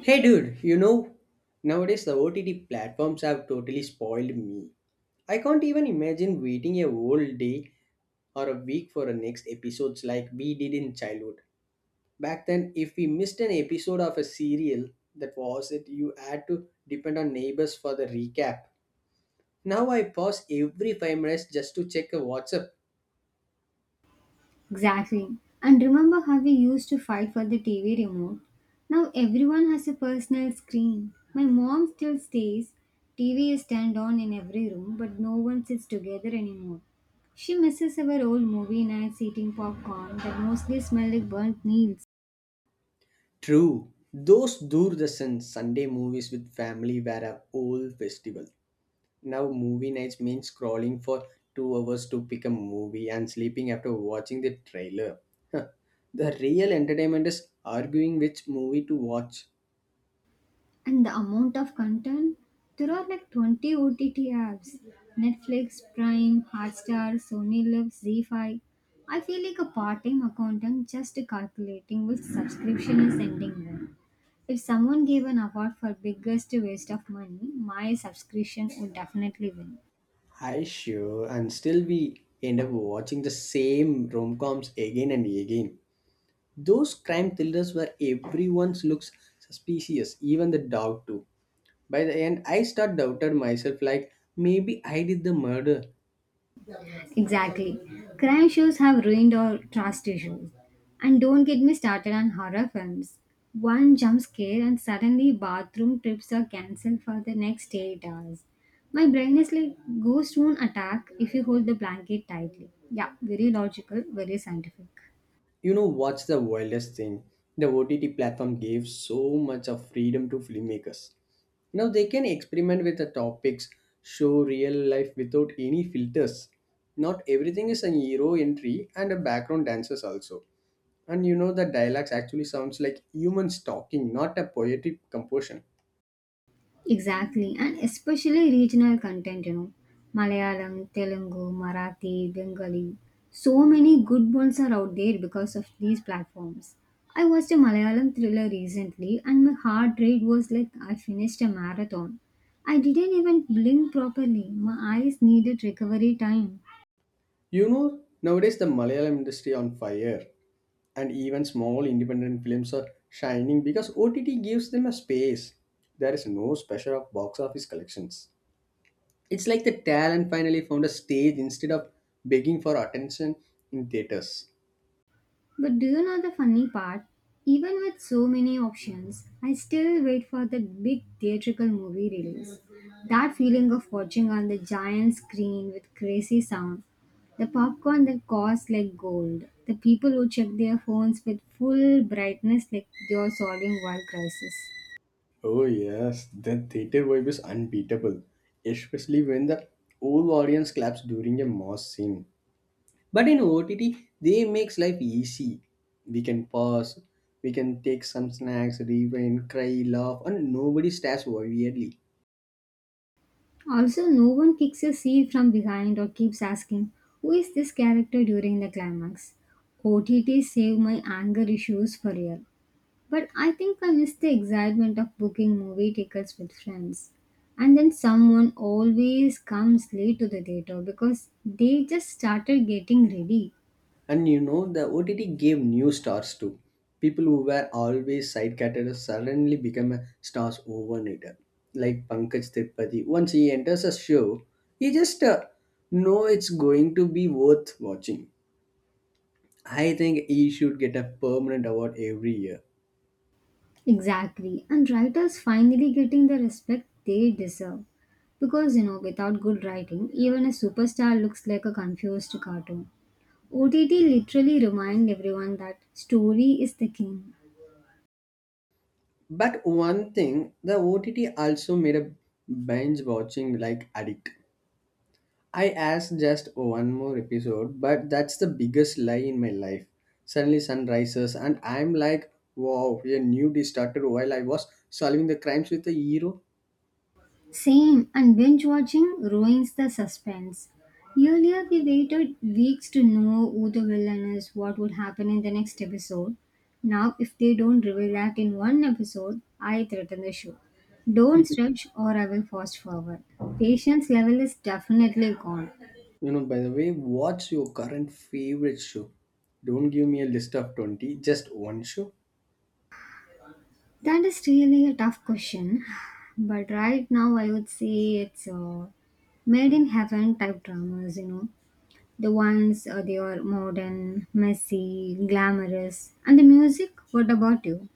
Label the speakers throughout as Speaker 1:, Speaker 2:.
Speaker 1: Hey dude, you know, nowadays the OTT platforms have totally spoiled me. I can't even imagine waiting a whole day or a week for the next episodes like we did in childhood. Back then, if we missed an episode of a serial, that was it, you had to depend on neighbors for the recap. Now I pause every 5 minutes just to check a WhatsApp.
Speaker 2: Exactly. And remember how we used to fight for the TV remote? Now everyone has a personal screen. My mom still stays. TV is turned on in every room, but no one sits together anymore. She misses our old movie nights eating popcorn that mostly smelled like burnt meal.
Speaker 1: True, those Doordarshan Sunday movies with family were a whole festival. Now, movie nights means scrolling for 2 hours to pick a movie and sleeping after watching the trailer. Huh. The real entertainment is arguing which movie to watch.
Speaker 2: And the amount of content, there are like 20 OTT apps: Netflix, Prime, Hotstar, Sony Live, z5. I feel like a part-time accountant just calculating which subscription is ending when. If someone gave an award for biggest waste of money, my subscription would definitely win.
Speaker 1: I sure, and still we end up watching the same rom-coms again and again. Those crime thrillers where everyone looks suspicious, even the dog too. By the end, I start doubted myself like maybe I did the murder.
Speaker 2: Exactly. Crime shows have ruined our trust issues. And don't get me started on horror films. One jump scare and suddenly bathroom trips are cancelled for the next 8 hours. My brain is like, ghost won't attack if you hold the blanket tightly. Yeah, very logical, very scientific.
Speaker 1: You know what's the wildest thing? The OTT platform gave so much of freedom to filmmakers. Now they can experiment with the topics, show real life without any filters. Not everything is an hero entry and a background dancers also. And you know the dialogues actually sounds like humans talking, not a poetic composition.
Speaker 2: Exactly, and especially regional content, you know, Malayalam, Telugu, Marathi, Bengali. So many good ones are out there because of these platforms. I watched a Malayalam thriller recently, and my heart rate was like I finished a marathon. I didn't even blink properly, my eyes needed recovery time.
Speaker 1: You know nowadays the Malayalam industry on fire. And even small independent films are shining because OTT gives them a space. There is no pressure of box office collections. It's like the talent finally found a stage instead of begging for attention in theaters.
Speaker 2: But do you know the funny part? Even with so many options, I still wait for that big theatrical movie release. That feeling of watching on the giant screen with crazy sound, the popcorn that costs like gold, the people who check their phones with full brightness like they are solving world crisis.
Speaker 1: Oh yes, the theater vibe is unbeatable, especially when the whole audience claps during a mass scene. But in OTT, they makes life easy. We can pause, we can take some snacks, rewind, cry, laugh, and nobody stares weirdly.
Speaker 2: Also, no one kicks a seat from behind or keeps asking, "Who is this character?" during the climax. OTT saved my anger issues for real. But I think I miss the excitement of booking movie tickets with friends. And then someone always comes late to the theater because they just started getting ready.
Speaker 1: And you know, the OTT gave new stars too. People who were always side characters suddenly become a stars overnight. Like Pankaj Tripathi, once he enters a show, he just know it's going to be worth watching. I think he should get a permanent award every year.
Speaker 2: Exactly. And writers finally getting the respect they deserve. Because, you know, without good writing, even a superstar looks like a confused cartoon. OTT literally remind everyone that story is the king.
Speaker 1: But one thing, the OTT also made a binge watching like addict. I asked just one more episode, but that's the biggest lie in my life. Suddenly, sun rises, and I'm like, wow, a new day started while I was solving the crimes with a hero.
Speaker 2: Same, and binge watching ruins the suspense. Earlier, we waited weeks to know who the villain is, what would happen in the next episode. Now, if they don't reveal that in one episode, I threaten the show. Don't stretch or I will fast forward. Patience level is definitely gone.
Speaker 1: You know, by the way, what's your current favorite show? Don't give me a list of 20, just one show.
Speaker 2: That is really a tough question, but right now I would say it's made in heaven type dramas, you know. The ones they are modern, messy, glamorous. And the music, what about you?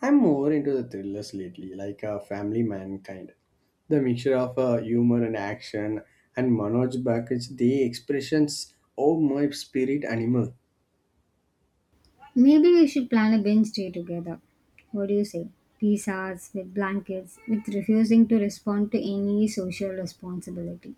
Speaker 1: I'm more into the thrillers lately, like Family Man kind. The mixture of humor and action, and Manoj Baksh, the expressions of my spirit animal.
Speaker 2: Maybe we should plan a binge day together. What do you say? Pizzas with blankets, with refusing to respond to any social responsibility.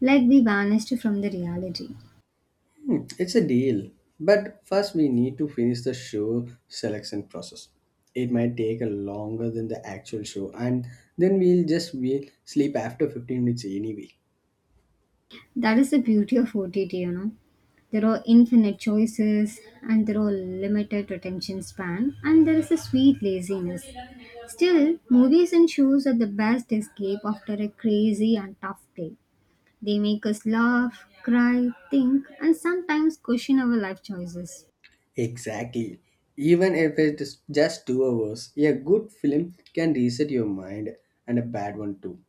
Speaker 2: Like we vanished from the reality.
Speaker 1: Hmm, it's a deal. But first, we need to finish the show selection process. It might take a longer than the actual show, and then we'll sleep after 15 minutes anyway.
Speaker 2: That is the beauty of OTT, you know. There are infinite choices and there are limited attention span and there is a sweet laziness. Still, movies and shows are the best escape after a crazy and tough day. They make us laugh, cry, think, and sometimes question our life choices.
Speaker 1: Exactly. Even if it's just 2 hours, a good film can reset your mind, and a bad one too.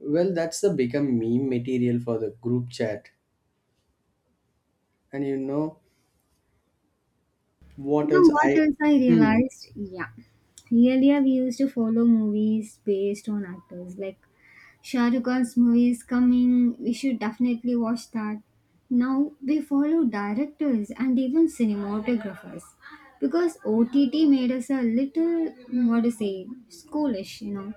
Speaker 1: Well, that's the become meme material for the group chat. And you know
Speaker 2: You
Speaker 1: what
Speaker 2: know
Speaker 1: else
Speaker 2: what
Speaker 1: I.
Speaker 2: else I
Speaker 1: Hmm.
Speaker 2: realized? Yeah. Earlier, we used to follow movies based on actors. Like, Shah Rukh Khan's movie is coming. We should definitely watch that. Now we follow directors and even cinematographers because OTT made us a little, what to say, schoolish, you know.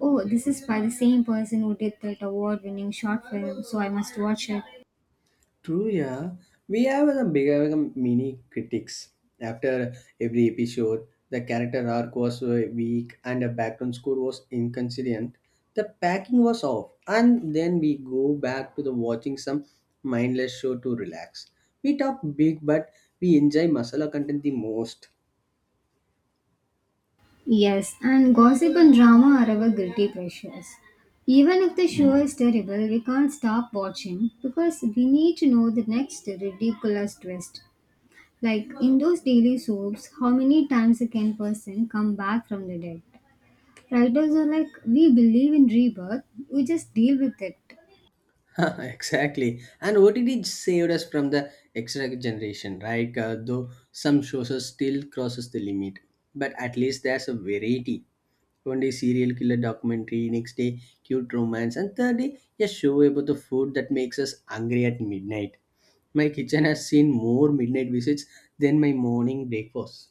Speaker 2: Oh, this is by the same person who did that award winning short film, so I must watch it.
Speaker 1: True, yeah. We have become mini critics. After every episode, the character arc was weak and the background score was inconsistent. The packing was off, and then we go back to the watching some mindless show to relax. We talk big, but we enjoy masala content the most.
Speaker 2: Yes, and gossip and drama are our guilty pleasures. Even if the show is terrible, we can't stop watching because we need to know the next ridiculous twist. Like in those daily soaps, how many times a can person come back from the dead? Writers are like, we believe in rebirth, we just deal with it.
Speaker 1: Exactly. And OTT saved us from the extra generation, right? Though some shows are still crosses the limit, but at least there's a variety. One day serial killer documentary, next day cute romance, and third day a show about the food that makes us hungry at midnight. My kitchen has seen more midnight visits than my morning breakfast.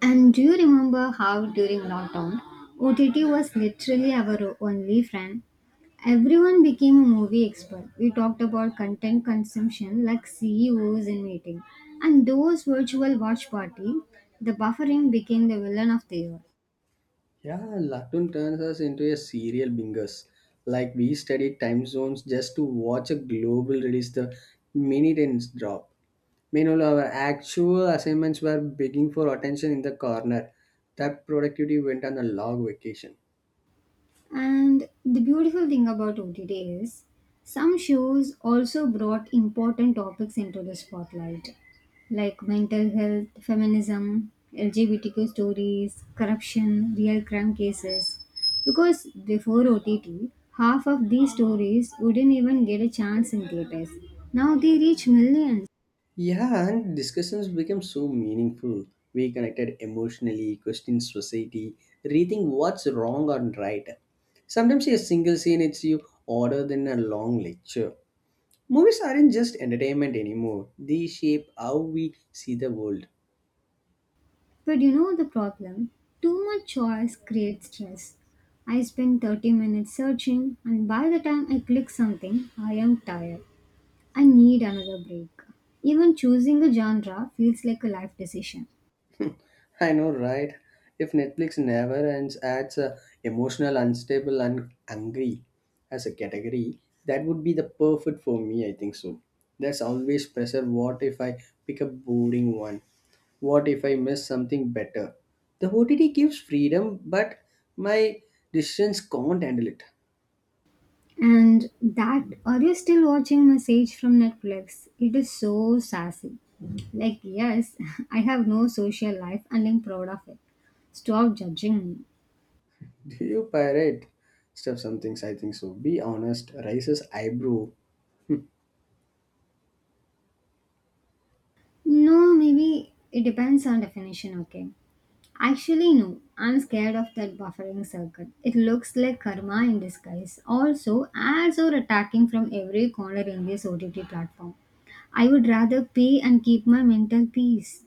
Speaker 2: And do you remember how during lockdown, OTT was literally our only friend? Everyone became a movie expert. We talked about content consumption like CEOs in meeting. And those virtual watch party, the buffering became the villain of the year.
Speaker 1: Yeah, latun turns us into a serial bingers, like we study time zones just to watch a global release the minute ends drop. Meanwhile our actual assignments were begging for attention in the corner. That productivity went on a long vacation.
Speaker 2: And the beautiful thing about OTT is some shows also brought important topics into the spotlight, like mental health, feminism, LGBTQ stories, corruption, real crime cases. Because before OTT, half of these stories wouldn't even get a chance in theaters. Now they reach millions.
Speaker 1: Yeah, and discussions became so meaningful. We connected emotionally, questioned society, rethink what's wrong or right. Sometimes a single scene hits you harder than a long lecture. Movies aren't just entertainment anymore, they shape how we see the world.
Speaker 2: But you know the problem? Too much choice creates stress. I spend 30 minutes searching, and by the time I click something, I am tired. I need another break. Even choosing a genre feels like a life decision.
Speaker 1: I know, right? If Netflix never ends, adds a emotional, unstable, and angry as a category, that would be the perfect for me. I think so. There's always pressure. What if I pick a boring one? What if I miss something better? The OTT gives freedom, but my decisions can't handle it.
Speaker 2: And that, are you still watching Message from Netflix? It is so sassy. Like, yes, I have no social life and I'm proud of it. Stop judging me.
Speaker 1: Do you pirate stuff? Some things I think so. Be honest. Raises eyebrow.
Speaker 2: No, maybe it depends on definition, okay? Actually, no. I'm scared of that buffering circuit. It looks like karma in disguise. Also, ads are attacking from every corner in this OTT platform. I would rather pay and keep my mental peace.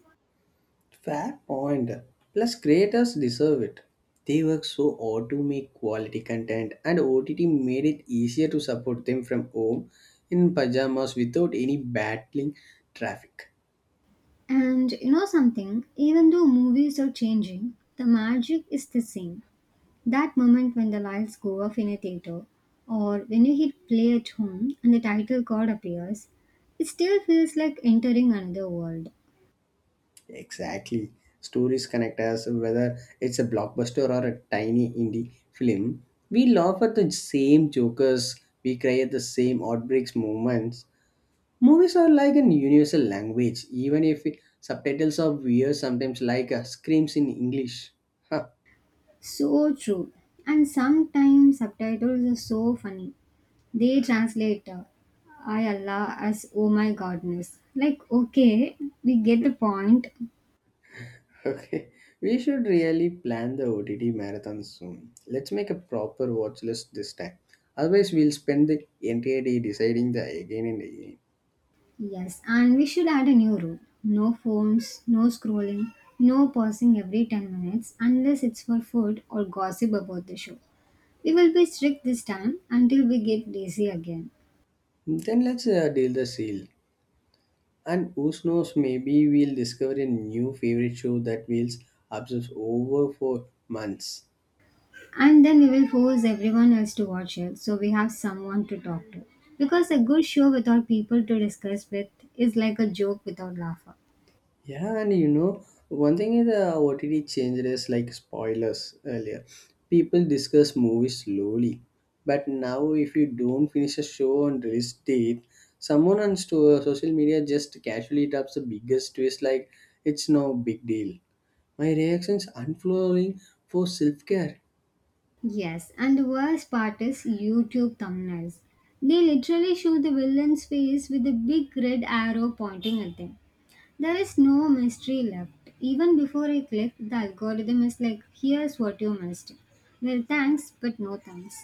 Speaker 1: Fair point. Plus, creators deserve it. They work so hard to make quality content, and OTT made it easier to support them from home in pajamas without any battling traffic.
Speaker 2: And you know something? Even though movies are changing, the magic is the same. That moment when the lights go off in a theater, or when you hit play at home and the title card appears, it still feels like entering another world.
Speaker 1: Exactly. Stories connect us, whether it's a blockbuster or a tiny indie film. We laugh at the same jokers, we cry at the same outbreaks moments. Movies are like an universal language, even if subtitles are weird, sometimes like screams in English. Huh,
Speaker 2: So true. And sometimes subtitles are so funny. They translate I Allah as oh my godness. Like, okay, we get the point.
Speaker 1: okay, we should really plan the OTT marathon soon. Let's make a proper watch list this time. Otherwise, we'll spend the entire day deciding the again and again.
Speaker 2: Yes, and we should add a new rule: no phones, no scrolling, no pausing every 10 minutes unless it's for food or gossip about the show. We will be strict this time until we get lazy again.
Speaker 1: Then let's deal the seal. And who knows, maybe we'll discover a new favorite show that we'll obsess over for months.
Speaker 2: And then we will force everyone else to watch it, so we have someone to talk to. Because a good show without people to discuss with is like a joke without laughter.
Speaker 1: Yeah, and you know, one thing is the OTT changed is like spoilers earlier. People discuss movies slowly, but now if you don't finish a show on release date, someone on social media just casually drops the biggest twist like it's no big deal. My reactions unfollowing for self care.
Speaker 2: Yes, and the worst part is YouTube thumbnails. They literally show the villain's face with a big red arrow pointing at them. There is no mystery left. Even before I click, the algorithm is like, here's what you missed. Well, thanks but no thanks.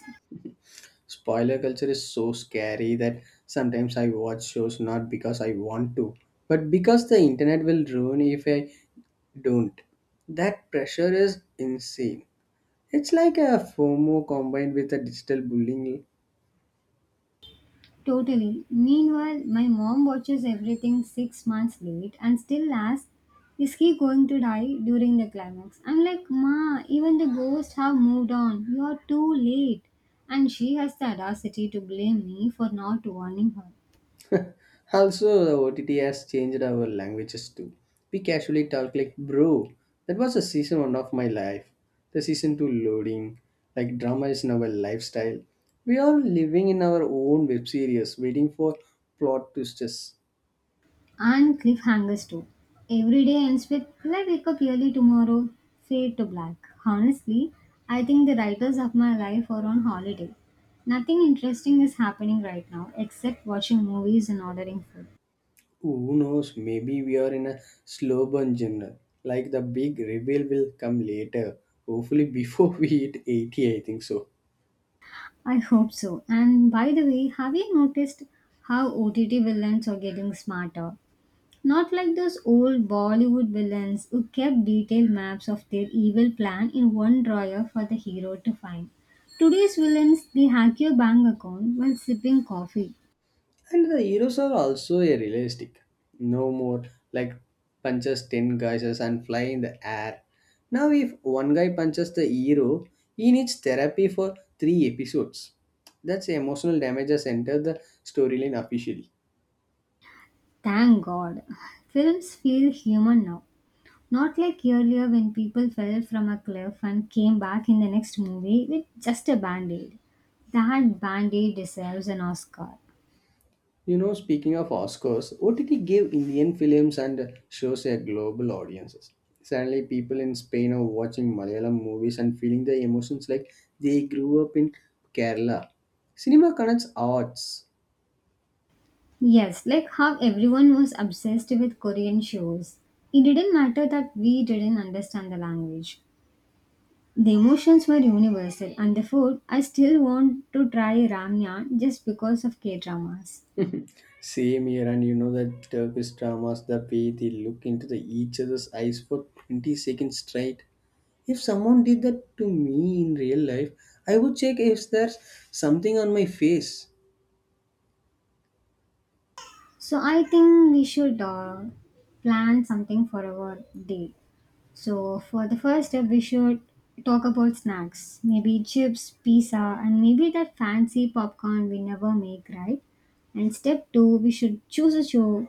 Speaker 1: Spoiler culture is so scary that sometimes I watch shows not because I want to, but because the internet will ruin if I don't. That pressure is insane. It's like a FOMO combined with a digital bullying.
Speaker 2: Totally. Meanwhile, my mom watches everything 6 months late and still asks, "Is he going to die during the climax?" I'm like, Ma, even the ghosts have moved on. You're too late. And she has the audacity to blame me for not warning her.
Speaker 1: Also, the OTT has changed our languages too. We casually talk like, bro, that was a season one of my life. The season two loading, like drama is now a lifestyle. We are living in our own web series, waiting for plot twists.
Speaker 2: And cliffhangers too. Every day ends with, "Will I wake up early tomorrow?" Fade to black. Honestly, I think the writers of my life are on holiday. Nothing interesting is happening right now except watching movies and ordering food.
Speaker 1: Who knows, maybe we are in a slow burn genre. Like the big reveal will come later, hopefully before we hit 80, I think so.
Speaker 2: I hope so. And by the way, have you noticed how OTT villains are getting smarter? Not like those old Bollywood villains who kept detailed maps of their evil plan in one drawer for the hero to find. Today's villains, they hack your bank account while sipping coffee.
Speaker 1: And the heroes are also a realistic. No more like punches 10 guys and fly in the air. Now, if one guy punches the hero, he needs therapy for 3 episodes. That's emotional damage has entered the storyline officially.
Speaker 2: Thank God. Films feel human now. Not like earlier when people fell from a cliff and came back in the next movie with just a band aid. That band aid deserves an Oscar.
Speaker 1: You know, speaking of Oscars, OTT gave Indian films and shows a global audiences. Suddenly, people in Spain are watching Malayalam movies and feeling the emotions like they grew up in Kerala. Cinema connects arts.
Speaker 2: Yes, like how everyone was obsessed with Korean shows. It didn't matter that we didn't understand the language. The emotions were universal, and the food, I still want to try ramyeon just because of K dramas.
Speaker 1: Same here, and you know that Turkish dramas, the way they look into the each other's eyes for 20 seconds straight. If someone did that to me in real life, I would check if there's something on my face.
Speaker 2: So I think we should plan something for our date. So, for the first step, we should talk about snacks. Maybe chips, pizza, and maybe that fancy popcorn we never make, right? And step two, we should choose a show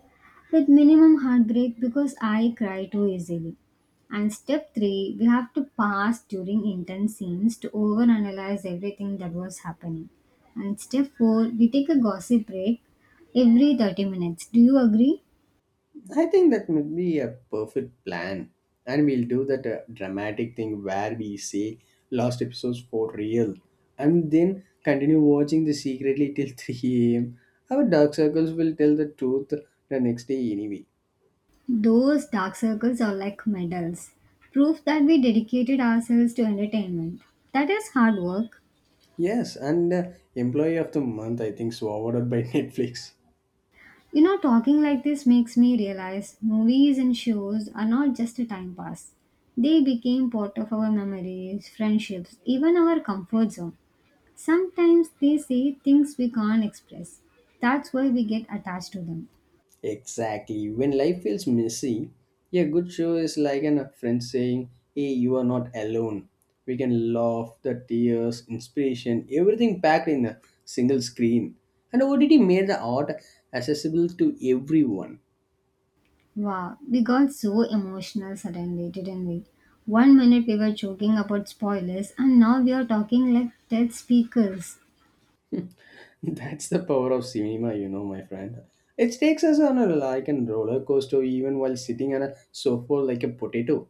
Speaker 2: with minimum heartbreak because I cry too easily. And step three, we have to pass during intense scenes to overanalyze everything that was happening. And step four, we take a gossip break every 30 minutes. Do you agree?
Speaker 1: I think that would be a perfect plan. And we'll do that dramatic thing where we say last episodes for real and then continue watching the secretly till 3 am. Our dark circles will tell the truth the next day anyway.
Speaker 2: Those dark circles are like medals, proof that we dedicated ourselves to entertainment. That is hard work.
Speaker 1: Yes, and employee of the month, I think, so awarded by Netflix.
Speaker 2: You know, talking like this makes me realize movies and shows are not just a time pass. They became part of our memories, friendships, even our comfort zone. Sometimes they say things we can't express. That's why we get attached to them.
Speaker 1: Exactly. When life feels messy, a good show is like an, a friend saying, hey, you are not alone. We can laugh, the tears, inspiration, everything packed in a single screen. And OTT made the art accessible to everyone.
Speaker 2: Wow, we got so emotional suddenly, didn't we? One minute we were joking about spoilers, and now we are talking like dead speakers.
Speaker 1: That's the power of cinema, you know, my friend. It takes us on a like a roller coaster even while sitting on a sofa like a potato.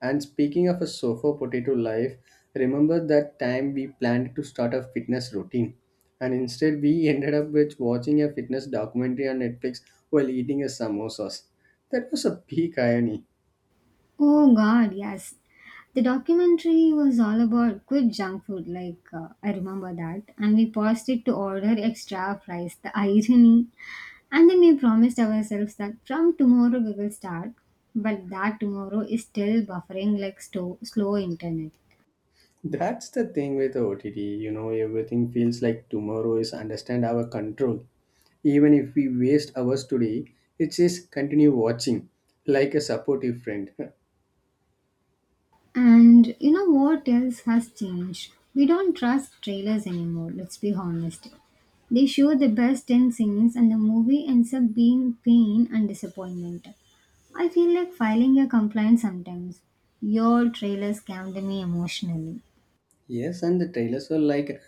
Speaker 1: And speaking of a sofa potato life, remember that time we planned to start a fitness routine and instead we ended up with watching a fitness documentary on Netflix while eating a samosas. That was a peak irony.
Speaker 2: Oh god, yes. The documentary was all about good junk food, like I remember that. And we paused it to order extra fries, the irony. And then we promised ourselves that from tomorrow we will start, but that tomorrow is still buffering like slow internet.
Speaker 1: That's the thing with OTT, you know, everything feels like tomorrow is understand our control. Even if we waste hours today, it says continue watching like a supportive friend.
Speaker 2: And you know what else has changed? We don't trust trailers anymore, let's be honest. They show the best in scenes and the movie ends up being pain and disappointment. I feel like filing a complaint sometimes. Your trailer scammed me emotionally.
Speaker 1: Yes, and the trailers were like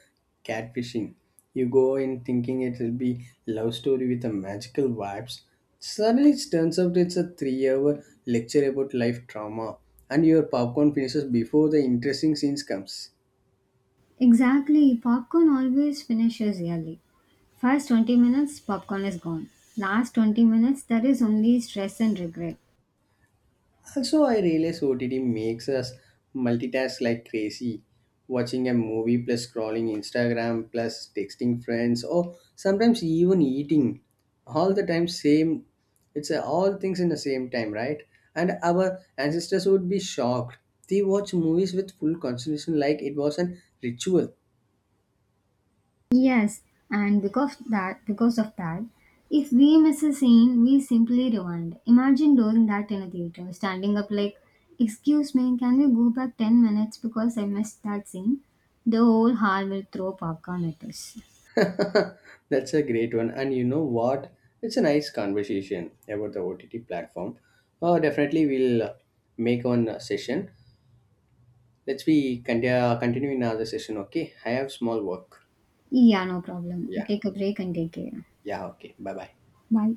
Speaker 1: catfishing. You go in thinking it will be love story with a magical vibes. Suddenly it turns out it's a three-hour lecture about life trauma, and your popcorn finishes before the interesting scenes comes.
Speaker 2: Exactly, popcorn always finishes early. First 20 minutes, popcorn is gone. Last 20 minutes, there is only stress and regret.
Speaker 1: Also, I realize OTT makes us multitask like crazy. Watching a movie plus scrolling Instagram plus texting friends or sometimes even eating. All the time same it's all things in the same time, right? And our ancestors would be shocked. They watch movies with full concentration like it was an ritual.
Speaker 2: Yes, and because of that, if we miss a scene, we simply rewind. Imagine doing that in a theater, standing up like, "Excuse me, can we go back 10 minutes because I missed that scene?" The whole hall will throw popcorn at us.
Speaker 1: That's a great one. And you know what? It's a nice conversation about the OTT platform. Definitely we'll make one session. Let's be continue in another session, okay? I have small work.
Speaker 2: Yeah, no problem.
Speaker 1: Yeah.
Speaker 2: Take a break and take care.
Speaker 1: Yeah, okay. Bye bye.
Speaker 2: Bye.